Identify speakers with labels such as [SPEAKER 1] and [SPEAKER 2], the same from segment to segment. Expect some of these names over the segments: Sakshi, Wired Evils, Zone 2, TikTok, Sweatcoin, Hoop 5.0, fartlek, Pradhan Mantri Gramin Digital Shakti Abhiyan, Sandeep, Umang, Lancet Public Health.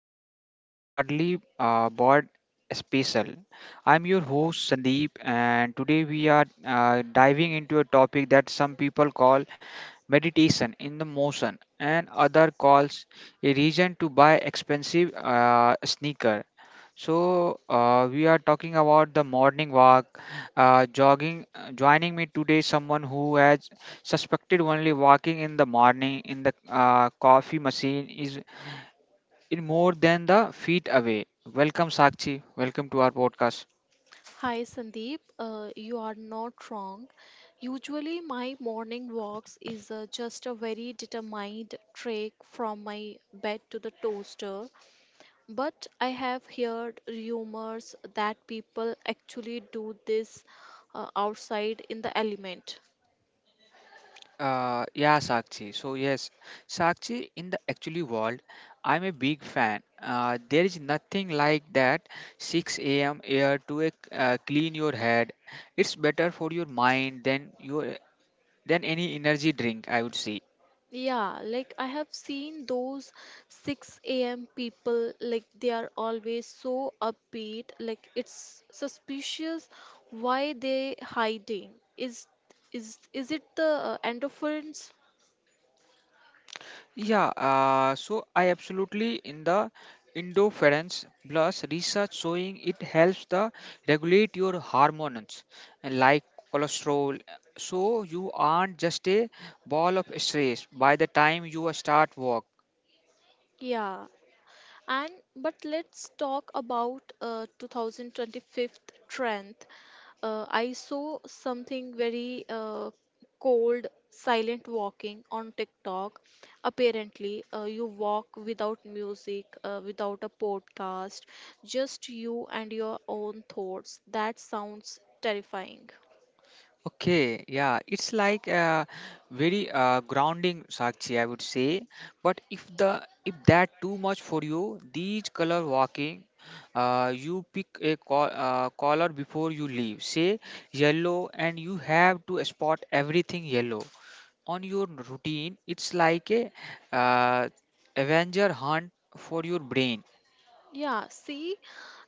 [SPEAKER 1] podcast, the Early Bird Special. I'm your host Sandeep, and today we are diving into a topic that some people call meditation in the motion and other calls a reason to buy expensive sneaker, so we are talking about the morning walk, jogging. Joining me today, someone who has suspected only walking in the morning in the coffee machine is in more than the feet away. Welcome Sakshi, welcome to our podcast.
[SPEAKER 2] Hi Sandeep, you are not wrong. Usually, my morning walks is just a very determined trek from my bed to the toaster. But I have heard rumors that people actually do this outside in the element.
[SPEAKER 1] Yeah, Sakshi. So yes, Sakshi, in the actually world, I'm a big fan. There is nothing like that 6 a.m. air to clean your head. It's better for your mind than your than any energy drink, I would say.
[SPEAKER 2] Yeah, like I have seen those 6 a.m. people, like they are always so upbeat, like it's suspicious why they hiding. Is it the endorphins?
[SPEAKER 1] Yeah, so I absolutely in the interference plus research showing it helps the regulate your hormones and like cholesterol. So you aren't just a ball of stress by the time you start work.
[SPEAKER 2] Yeah, and but let's talk about 2025 trend. I saw something very cold, silent walking on TikTok. Apparently, you walk without music, without a podcast, just you and your own thoughts. That sounds terrifying.
[SPEAKER 1] Okay, yeah, it's like very grounding, Sakshi, I would say. But if that too much for you, these color walking, you pick a color before you leave. Say yellow, and you have to spot everything yellow on your routine. It's like a uh, Avenger hunt for your brain.
[SPEAKER 2] Yeah, see,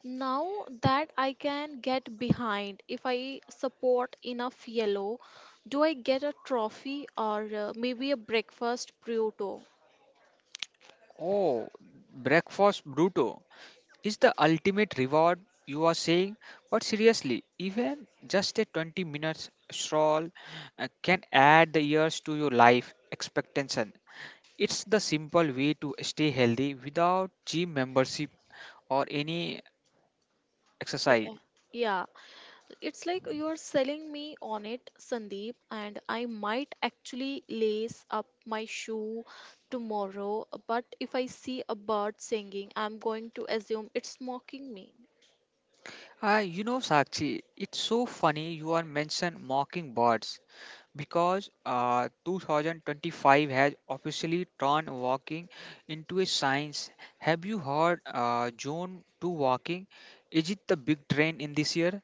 [SPEAKER 2] now that I can get behind. If I support enough yellow, do I get a trophy or maybe a breakfast Pluto?
[SPEAKER 1] Oh, breakfast bruto is the ultimate reward, you are saying. But seriously, even just a 20 minutes stroll can add the years to your life expectancy. It's the simple way to stay healthy without gym membership or any exercise.
[SPEAKER 2] Yeah. Yeah, it's like you're selling me on it, Sandeep, and I might actually lace up my shoe tomorrow. But if I see a bird singing, I'm going to assume it's mocking me.
[SPEAKER 1] You know, Sakshi, it's so funny you are mentioned mocking birds, because 2025 has officially turned walking into a science. Have you heard Zone 2 walking? Is it the big trend in this year?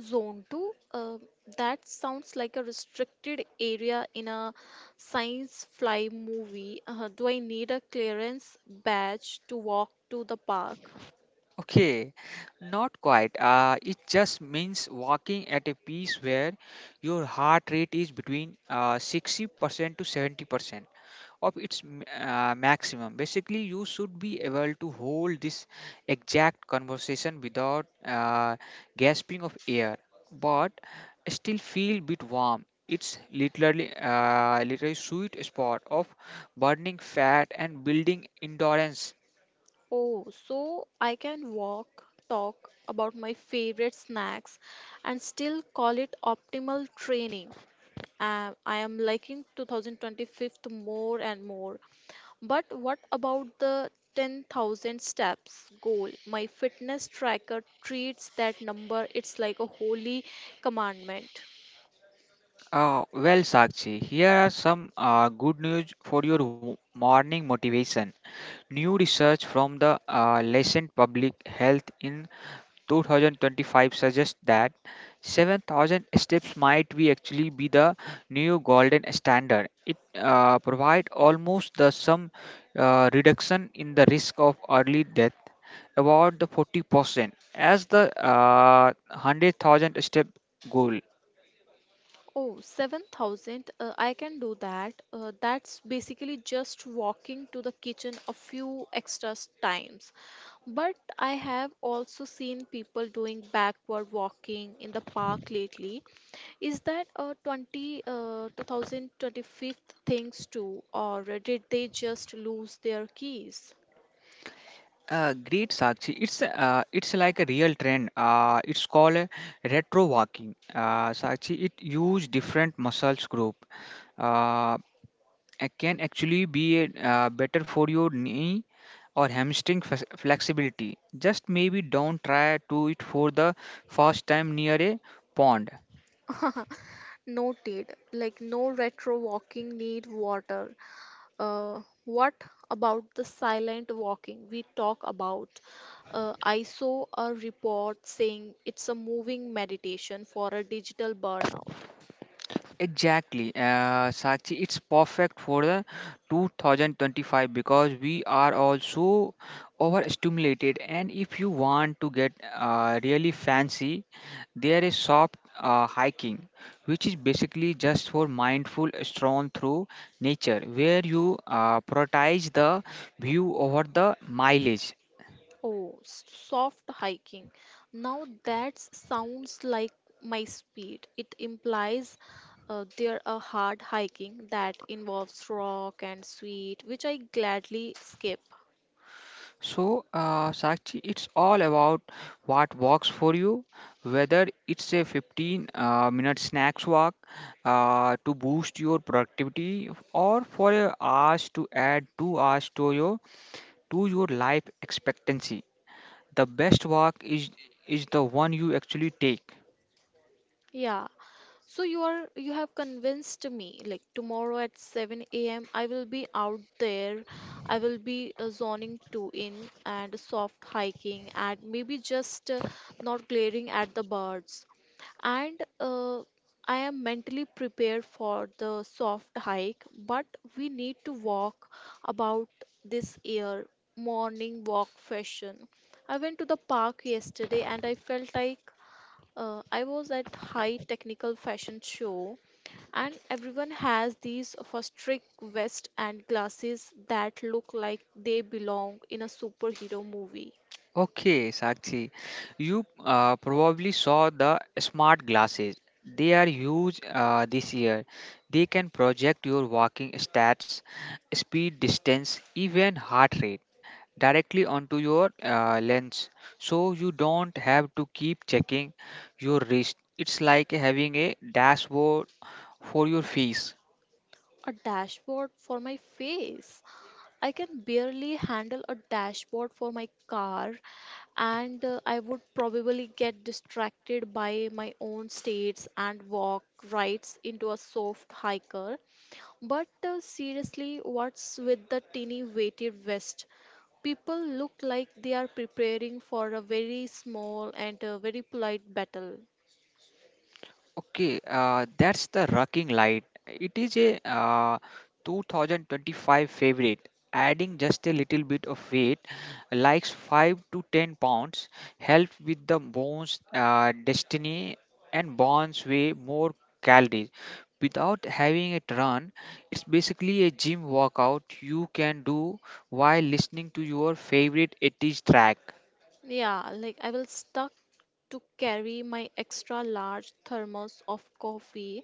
[SPEAKER 2] Zone 2, that sounds like a restricted area in a science fly movie. Do I need a clearance badge to walk to the park?
[SPEAKER 1] Okay, not quite. It just means walking at a pace where your heart rate is between 60% to 70% of its maximum. Basically, you should be able to hold this exact conversation without gasping of air, but still feel bit warm. It's literally sweet spot of burning fat and building endurance.
[SPEAKER 2] Oh, so I can walk, talk about my favorite snacks, and still call it optimal training. I am liking 2025 more and more. But what about the 10,000 steps goal? My fitness tracker treats that number, it's like a holy commandment.
[SPEAKER 1] Well, Sakshi, here are some good news for your morning motivation. New research from the Lancet Public Health in 2025 suggests that 7,000 steps might be actually be the new golden standard. It provides almost the some reduction in the risk of early death about the 40% as the 100,000 step goal.
[SPEAKER 2] Oh, 7,000, I can do that. That's basically just walking to the kitchen a few extra times. But I have also seen people doing backward walking in the park lately. Is that a 2025 things too, or did they just lose their keys?
[SPEAKER 1] Great Sakshi. It's like a real trend. It's called a retro walking. Sakshi, it use different muscles group. Uh, can actually be better for your knee or hamstring flexibility. Just maybe don't try to it for the first time near a pond.
[SPEAKER 2] Noted, like no retro walking need water. What about the silent walking we talk about? I saw a report saying it's a moving meditation for a digital burnout.
[SPEAKER 1] Exactly, Sakshi, it's perfect for the 2025 because we are also overstimulated. And if you want to get really fancy, there is soft hiking, which is basically just for mindful stroll through nature, where you prioritize the view over the mileage.
[SPEAKER 2] Oh, soft hiking. Now that sounds like my speed. It implies there a hard hiking that involves rock and sweet, which I gladly skip.
[SPEAKER 1] So, Sakshi, it's all about what works for you, whether it's a 15 minute snacks walk to boost your productivity, or for a hours to add 2 hours to your life expectancy. The best walk is the one you actually take.
[SPEAKER 2] Yeah. You have convinced me. Like tomorrow at 7 a.m. I will be out there. I will be zoning 2 in and soft hiking and maybe just not glaring at the birds. And I am mentally prepared for the soft hike, but we need to walk about this year morning walk fashion. I went to the park yesterday and I felt like I was at high technical fashion show and everyone has these for strict vest and glasses that look like they belong in a superhero movie.
[SPEAKER 1] Okay, Sakshi, you probably saw the smart glasses. They are huge this year. They can project your walking stats, speed, distance, even heart rate directly onto your lens. So you don't have to keep checking your wrist. It's like having a dashboard for your face.
[SPEAKER 2] A dashboard for my face. I can barely handle a dashboard for my car, and I would probably get distracted by my own states and walk right into a soft hiker. But seriously, what's with the tinny weighted vest? People look like they are preparing for a very small and a very polite battle.
[SPEAKER 1] Okay, that's the Rocking Light. It is a 2025 favorite. Adding just a little bit of weight, like 5 to 10 pounds, helps with the bones' destiny and burns way more calories. Without having it run, it's basically a gym workout you can do while listening to your favorite 80s track.
[SPEAKER 2] Yeah, like I will stuck to carry my extra large thermos of coffee,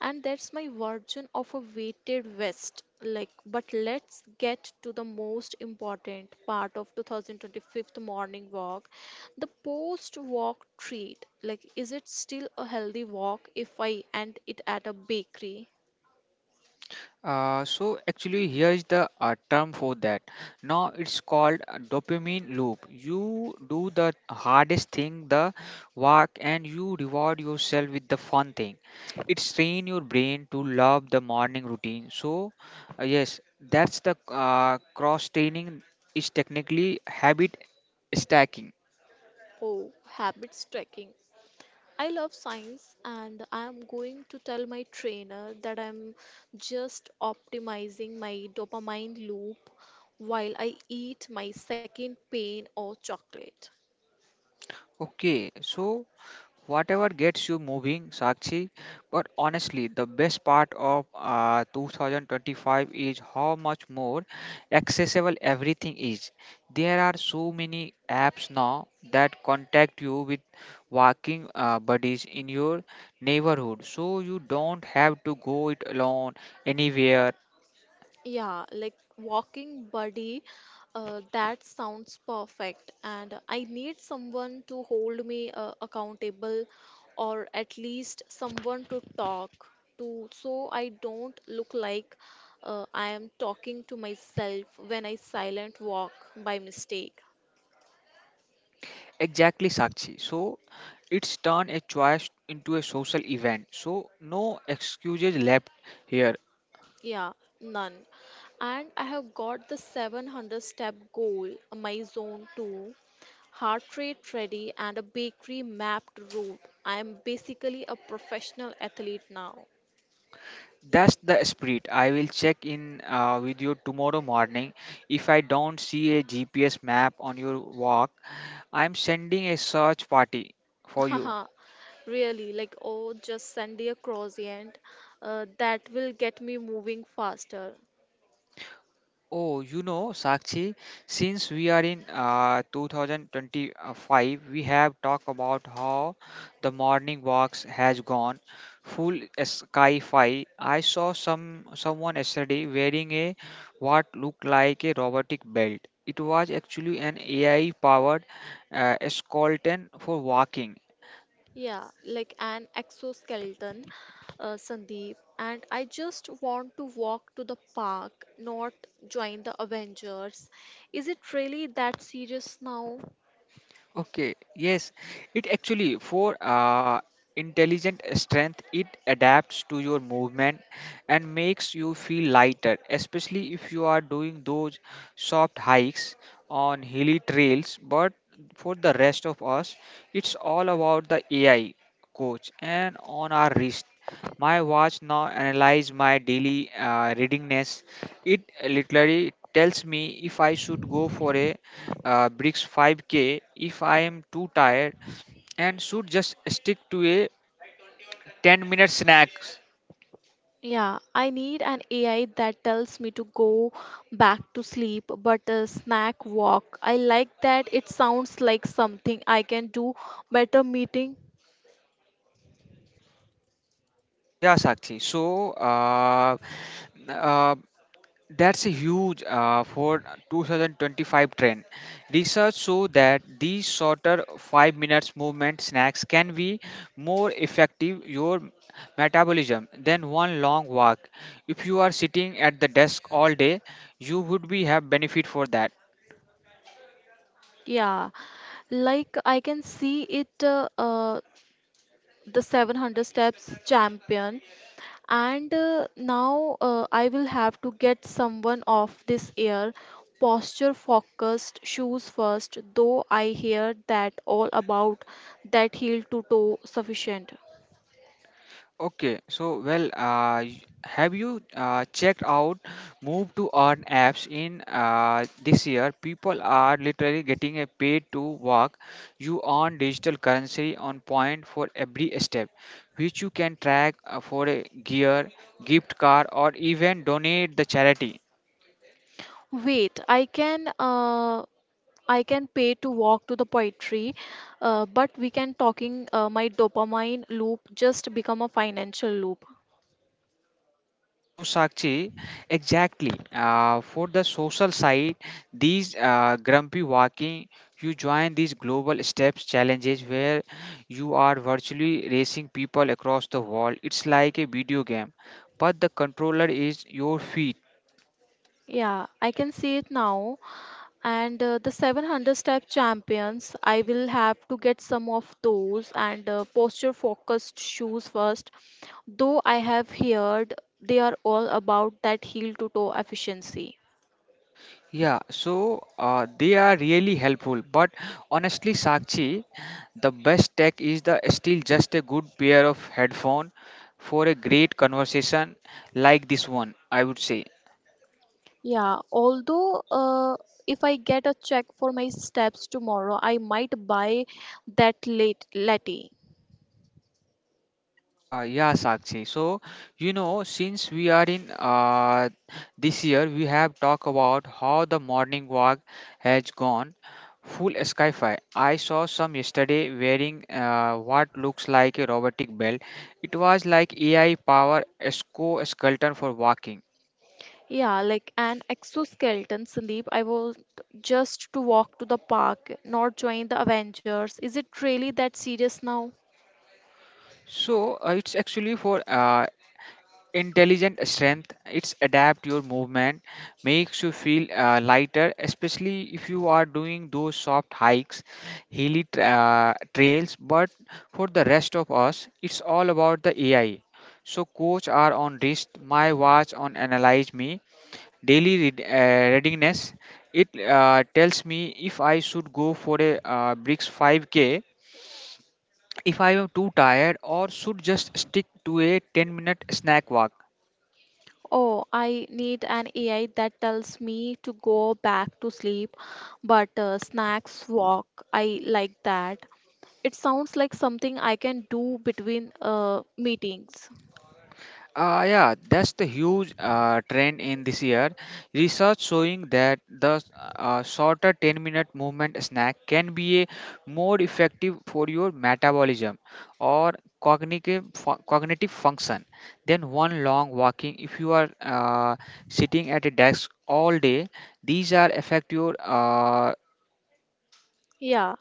[SPEAKER 2] and that's my version of a weighted vest. Like, but let's get to the most important part of 2025 morning walk: the post walk treat. Like, is it still a healthy walk if I end it at a bakery?
[SPEAKER 1] So actually here is the term for that. Now it's called a dopamine loop. You do the hardest thing, the work, and you reward yourself with the fun thing. It's train your brain to love the morning routine. So yes, that's the cross training, is technically habit stacking.
[SPEAKER 2] Oh, habits tracking. I love science, and I'm going to tell my trainer that I'm just optimizing my dopamine loop while I eat my second pain of chocolate.
[SPEAKER 1] Okay, so whatever gets you moving, Sakshi. But honestly, the best part of 2025 is how much more accessible everything is. There are so many apps now that contact you with walking buddies in your neighborhood, so you don't have to go it alone anywhere.
[SPEAKER 2] Yeah, like walking buddy, that sounds perfect. And I need someone to hold me accountable, or at least someone to talk to, so I don't look like I am talking to myself when I silent walk by mistake.
[SPEAKER 1] Exactly, Sakshi. So it's turned a choice into a social event. So no excuses left here.
[SPEAKER 2] Yeah, none. And I have got the 700 step goal, my zone 2 heart rate ready, and a bakery mapped route. I am basically a professional athlete now.
[SPEAKER 1] That's the spirit. I will check in with you tomorrow morning. If I don't see a GPS map on your walk, I'm sending a search party for you.
[SPEAKER 2] Haha, really, like, oh, just send me a croissant. That will get me moving faster.
[SPEAKER 1] Oh, you know, Sakshi, since we are in 2025, we have talked about how the morning walks has gone full sci-fi. I saw someone yesterday wearing a what looked like a robotic belt. It was actually an AI-powered skeleton for walking.
[SPEAKER 2] Yeah, like an exoskeleton, Sandeep. And I just want to walk to the park, not join the Avengers. Is it really that serious now?
[SPEAKER 1] Okay, yes, it actually for intelligent strength. It adapts to your movement and makes you feel lighter, especially if you are doing those soft hikes on hilly trails. But for the rest of us, it's all about the AI coach and on our wrist. My watch now analyzes my daily readingness. It literally tells me if I should go for a bricks 5K, if I am too tired, and should just stick to a 10-minute snack.
[SPEAKER 2] Yeah, I need an AI that tells me to go back to sleep, but a snack walk. I like that. It sounds like something I can do better meeting.
[SPEAKER 1] Yeah, Sakshi. So uh, that's a huge for 2025 trend. Research show that these shorter 5 minutes movement snacks can be more effective your metabolism than one long walk. If you are sitting at the desk all day, you would be have benefit for that.
[SPEAKER 2] Yeah, like I can see it the 700 steps champion, and now I will have to get someone of this air posture focused shoes first, though I hear that all about that heel to toe sufficient.
[SPEAKER 1] Okay, so well, have you checked out move to earn apps in this year? People are literally getting a paid to work. You earn digital currency on point for every step, which you can track for a gear, gift card, or even donate the charity.
[SPEAKER 2] Wait, I can pay to walk to the poetry, but we can talking my dopamine loop just become a financial loop.
[SPEAKER 1] So Sakshi, exactly. For the social side, these grumpy walking, you join these global steps challenges where you are virtually racing people across the world. It's like a video game, but the controller is your feet.
[SPEAKER 2] Yeah, I can see it now. And the 700 step champions, I will have to get some of those and posture focused shoes first. Though I have heard they are all about that heel to toe efficiency.
[SPEAKER 1] Yeah, so they are really helpful. But honestly, Sakshi, the best tech is the still just a good pair of headphone for a great conversation like this one, I would say.
[SPEAKER 2] Yeah, although if I get a check for my steps tomorrow, I might buy that late latte.
[SPEAKER 1] Yeah, Sakshi. So, you know, since we are in this year, we have talked about how the morning walk has gone full skyfire. I saw some yesterday wearing what looks like a robotic belt. It was like AI power esco skeleton for walking.
[SPEAKER 2] Yeah, like an exoskeleton sleep. I was just to walk to the park, not join the Avengers. Is it really that serious now?
[SPEAKER 1] So it's actually for intelligent strength. It's adapt your movement, makes you feel lighter, especially if you are doing those soft hikes, trails. But for the rest of us, it's all about the AI so coach are on wrist. My watch on analyze me daily readiness. It tells me if I should go for a bricks 5K, if I am too tired, or should just stick to a 10-minute snack walk.
[SPEAKER 2] Oh, I need an AI that tells me to go back to sleep, but snacks walk. I like that. It sounds like something I can do between meetings.
[SPEAKER 1] Yeah, that's the huge trend in this year. Research showing that the shorter 10-minute movement snack can be a more effective for your metabolism or cognitive function than one long walking if you are sitting at a desk all day. These are affect your
[SPEAKER 2] Yeah.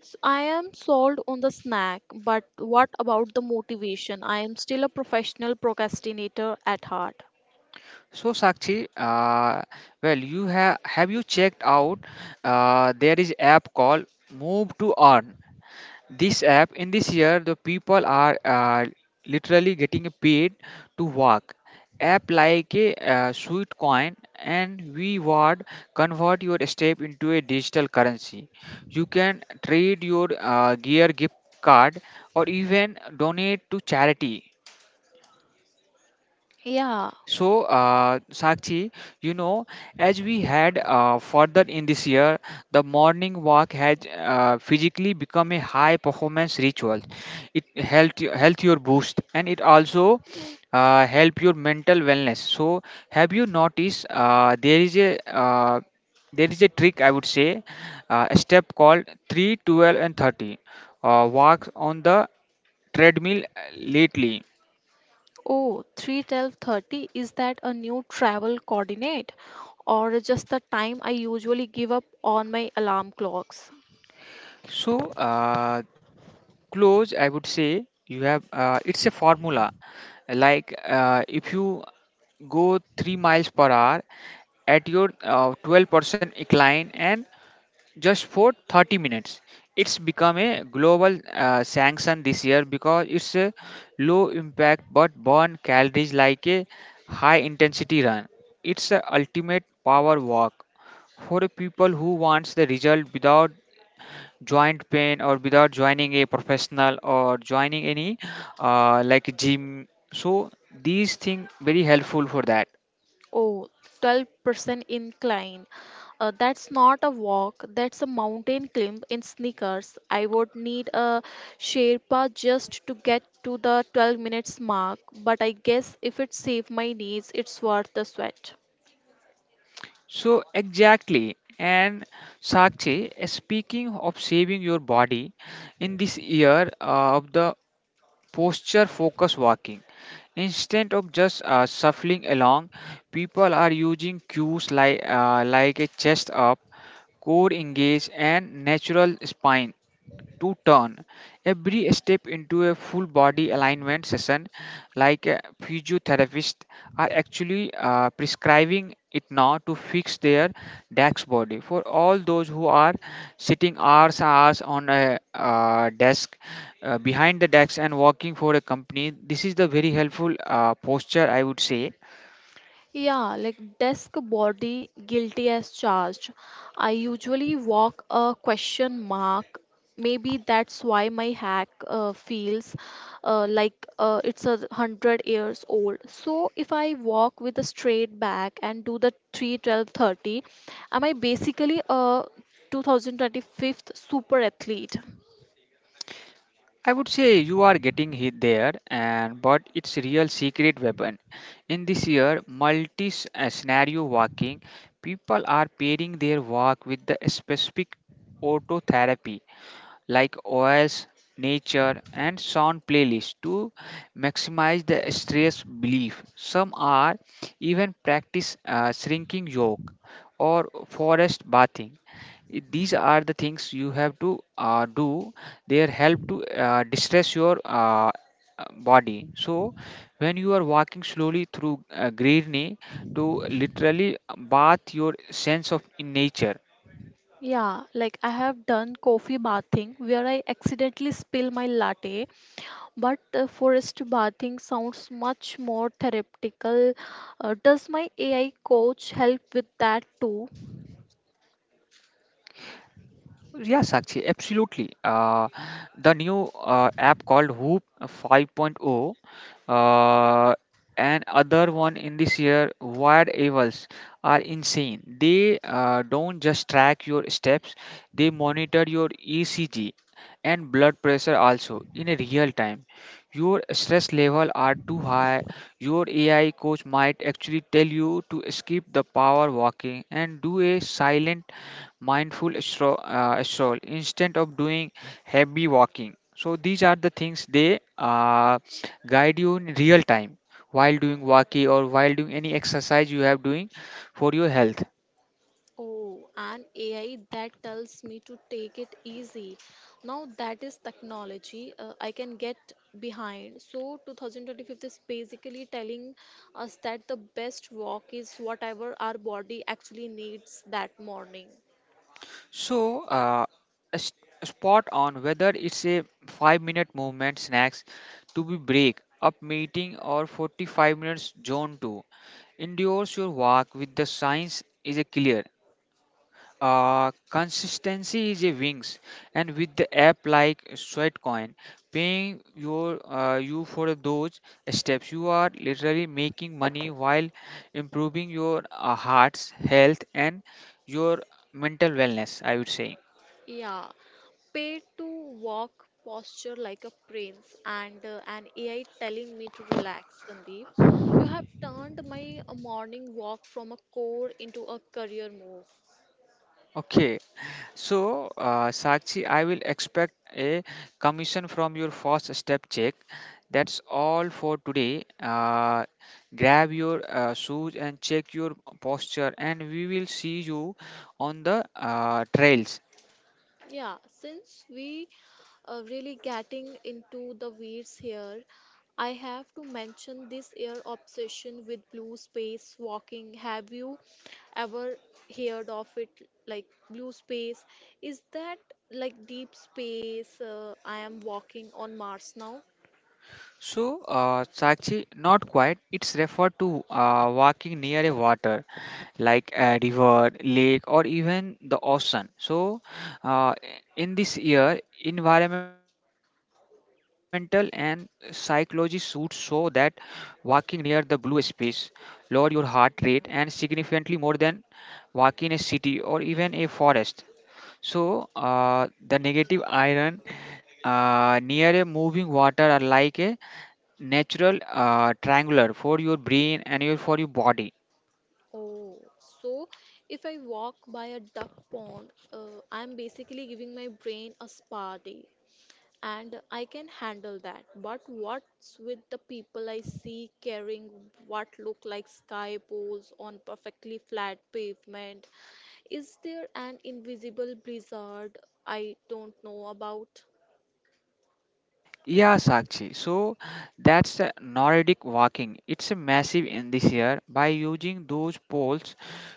[SPEAKER 2] I am sold on the snack, but what about the motivation? I am still a professional procrastinator at heart.
[SPEAKER 1] so Sakshi, well, you have you checked out? There is app called Move to Earn. This app in this year the people are literally getting paid to work, app like a sweet coin and reward, convert your step into a digital currency. You can trade your gear, gift card, or even donate to charity.
[SPEAKER 2] Yeah.
[SPEAKER 1] So, Sakshi, you know, as we had further in this year, the morning walk has physically become a high performance ritual. It helped health your boost and it also help your mental wellness. So, have you noticed there is a trick, I would say, a step called 3, 12, and 30 walks on the treadmill lately.
[SPEAKER 2] Oh, 3, 12, 30, is that a new travel coordinate or just the time I usually give up on my alarm clocks?
[SPEAKER 1] So, uh, close, I would say you have it's a formula like if you go 3 miles per hour at your 12% incline and just for 30 minutes. It's become a global sanction this year because it's a low impact but burn calories like a high intensity run. It's a ultimate power walk for a people who wants the result without joint pain or without joining a professional or joining any like gym, so these thing very helpful for that.
[SPEAKER 2] Oh, 12% incline. That's not a walk, that's a mountain climb in sneakers. I would need a Sherpa just to get to the 12 minutes mark, but I guess if it saves my knees, it's worth the sweat.
[SPEAKER 1] So exactly, and Sakshi, speaking of saving your body in this year of the posture focused walking. Instead of just shuffling along, people are using cues like a chest up, core engage, and natural spine to turn. Every step into a full body alignment session, like a physiotherapist, are actually prescribing it now to fix their desk body. For all those who are sitting hours on a desk, behind the decks and working for a company, this is the very helpful posture, I would say.
[SPEAKER 2] Yeah, like desk body, guilty as charged. I usually walk a question mark. Maybe that's why my hack feels it's a hundred years old. So if I walk with a straight back and do the 3, 12, 30, am I basically a 2025th super athlete?
[SPEAKER 1] I would say you are getting hit there, and but it's real secret weapon in this year scenario walking. People are pairing their walk with the specific autotherapy like oils, nature, and sound playlists to maximize the stress relief. Some are even practice shrinking yoga or forest bathing. These are the things you have to do. They help to distress your uh, body. So when you are walking slowly through greenery, to literally bath your sense of in nature.
[SPEAKER 2] Yeah, like I have done coffee bathing where I accidentally spill my latte. But forest bathing sounds much more therapeutical. Does my AI coach help with that too?
[SPEAKER 1] Yeah, Sakshi, absolutely. The new app called Hoop 5.0 uh, and other one in this year, Wired Evils, are insane. They don't just track your steps, they monitor your ECG and blood pressure also in a real time. Your stress level are too high. Your AI coach might actually tell you to skip the power walking and do a silent mindful stroll instead of doing heavy walking. So these are the things they guide you in real time while doing walking or while doing any exercise you have doing for your health.
[SPEAKER 2] Oh, an AI that tells me to take it easy. Now that is technology I can get behind. So 2025 is basically telling us that the best walk is whatever our body actually needs that morning.
[SPEAKER 1] So s- spot on, whether it's a 5 minute movement snacks to be break up meeting or 45 minutes zone 2 endures your walk with the signs is a clear. Consistency is a wings, and with the app like Sweatcoin, paying your you for those steps, you are literally making money while improving your heart's health and your mental wellness, I would say.
[SPEAKER 2] Yeah, paid to walk posture like a prince, and an AI telling me to relax, Sandeep. You have turned my morning walk from a core into a career move.
[SPEAKER 1] Okay, so, Sakshi, I will expect a commission from your first step check. That's all for today. Grab your shoes and check your posture, and we will see you on the trails.
[SPEAKER 2] Yeah, since we are really getting into the weeds here, I have to mention this air obsession with blue space walking. Have you ever heard of it? Like blue space, is that like deep space? I am walking on Mars now.
[SPEAKER 1] So, Sakshi, not quite. It's referred to walking near a water, like a river, lake, or even the ocean. So, uh, in this year, environmental and psychology should show that walking near the blue space lower your heart rate and significantly more than walking in a city or even a forest. So, the negative iron near a moving water are like a natural triangular for your brain and your for your body.
[SPEAKER 2] Oh, so if I walk by a duck pond, I'm basically giving my brain a spa day. And I can handle that. But what's with the people I see carrying what look like sky poles on perfectly flat pavement? Is there an invisible blizzard I don't know about?
[SPEAKER 1] Yeah, Sakshi. So that's the Nordic walking. It's a massive in this year. By using those poles,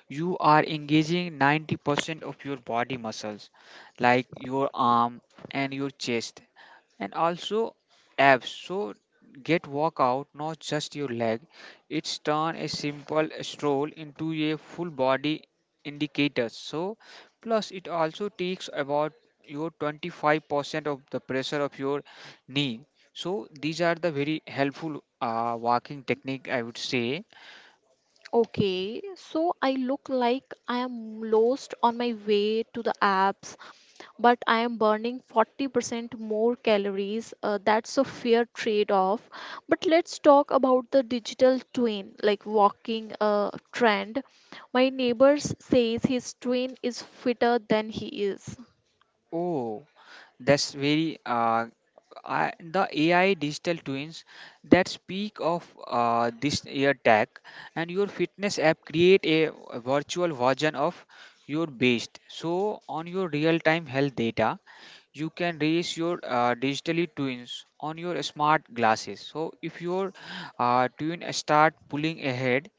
[SPEAKER 1] you are engaging 90% of your body muscles, like your arm and your chest and also abs, so get workout not just your leg. It's turn a simple stroll into a full body indicator, so plus it also takes about your 25% of the pressure of your knee. So these are the very helpful walking technique, I would say.
[SPEAKER 2] Okay, so I look like I am lost on my way to the apps, but I am burning 40% more calories. That's a fair trade off. But let's talk about the digital twin, like walking trend. My neighbor says his twin is fitter than he is.
[SPEAKER 1] Oh, that's very the AI digital twins that speak of this year tech and your fitness app create a virtual version of your best. So on your real time health data, you can raise your digitally twins on your smart glasses. So if your twin start pulling ahead,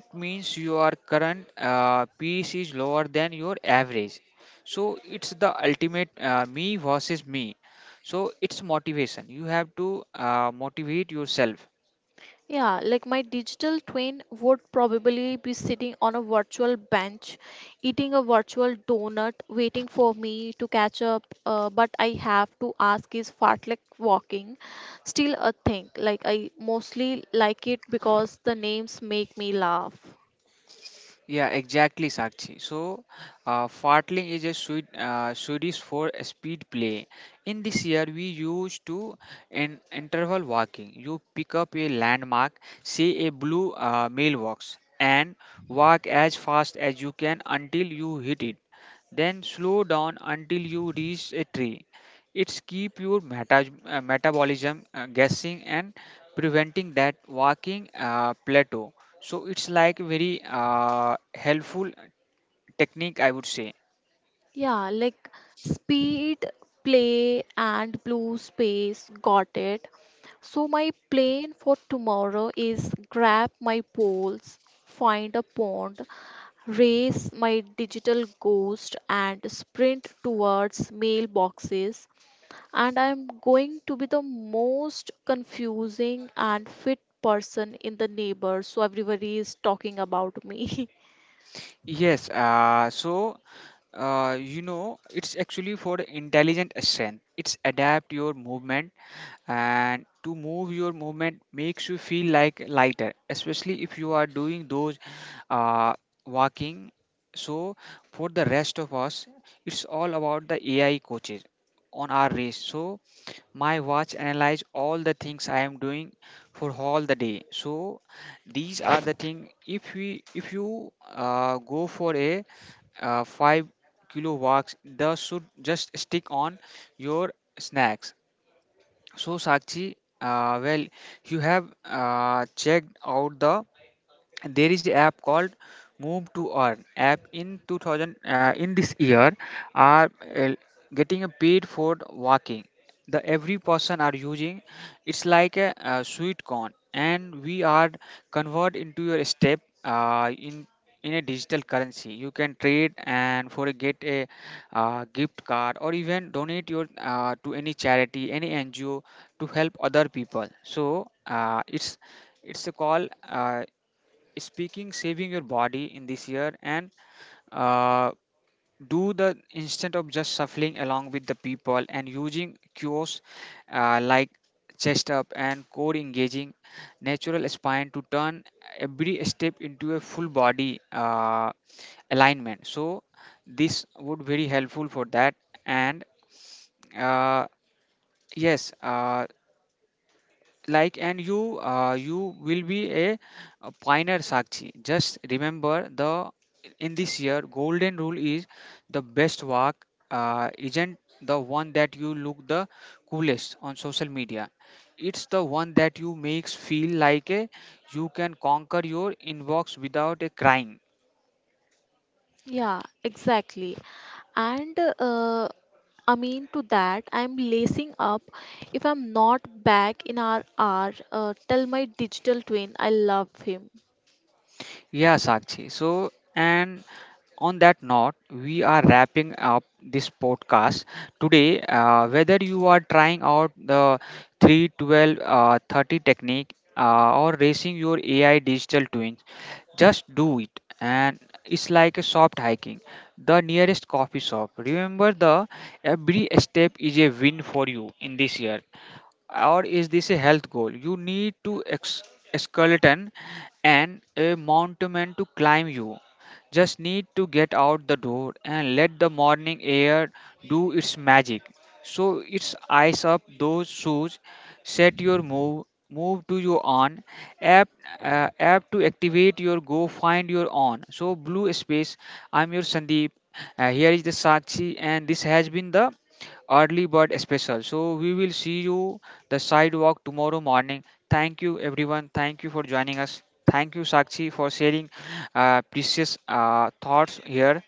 [SPEAKER 1] it means your current piece is lower than your average. So it's the ultimate me versus me, so it's motivation you have to motivate yourself.
[SPEAKER 2] Yeah, like my digital twin would probably be sitting on a virtual bench, eating a virtual donut, waiting for me to catch up. But I have to ask, is fartlek walking still a thing? Like, I mostly like it because the names make me laugh.
[SPEAKER 1] Yeah, exactly, Sakshi. So, fartling is a Swedish for a speed play. In this year, we used to in interval walking. You pick up a landmark, say a blue mailbox, and walk as fast as you can until you hit it. Then slow down until you reach a tree. It's keep your metabolism guessing and preventing that walking plateau. So it's like very helpful technique, I would say.
[SPEAKER 2] Yeah, like speed, play, and blue space. Got it. So, my plan for tomorrow is grab my poles, find a pond, race my digital ghost, and sprint towards mailboxes. And I'm going to be the most confusing and fit person in the neighbor, so everybody is talking about me.
[SPEAKER 1] Yes. So you know, it's actually for the intelligent strength. It's adapt your movement and to move your movement makes you feel like lighter, especially if you are doing those uh, walking. So for the rest of us, it's all about the AI coaches on our race. So my watch analyze all the things I am doing for all the day. So these are the thing if you go for a 5-kilo walks, the should just stick on your snacks. So Sakshi, well, you have checked out the there is app called Move to Earn app in 2000 in this year, are getting a paid for walking. The every person are using, it's like a, sweet corn, and we are convert into your step in a digital currency. You can trade and for a get a gift card or even donate your to any charity, any ngo to help other people. So it's a call. Speaking saving your body in this year, and uh, do the instead of just shuffling along with the people and using cues like chest up and core engaging natural spine to turn every step into a full body alignment. So this would very helpful for that. And uh, yes, like, and you will be a pioneer, Sakshi. Just remember the in this year golden rule is the best work, isn't the one that you look the coolest on social media. It's the one that you makes feel like a you can conquer your inbox without a crying.
[SPEAKER 2] Yeah, exactly. and I mean to that I'm lacing up. If I'm not back in our hour, tell my digital twin I love him.
[SPEAKER 1] Yeah, Sakshi. So, and on that note, we are wrapping up this podcast today. Whether you are trying out the 312 30 technique or racing your AI digital twins, just do it. And it's like a soft hiking, the nearest coffee shop. Remember, the every step is a win for you in this year or is this a health goal? You need to skeleton and a mountain to climb you. Just need to get out the door and let the morning air do its magic. So it's ice up those shoes, set your move to your on, app, app to activate your go, find your on. So blue space, I'm your Sandeep. Here is the Sakshi, and this has been the early bird special. So we will see you the sidewalk tomorrow morning. Thank you everyone. Thank you for joining us. Thank you Sakshi for sharing precious thoughts here.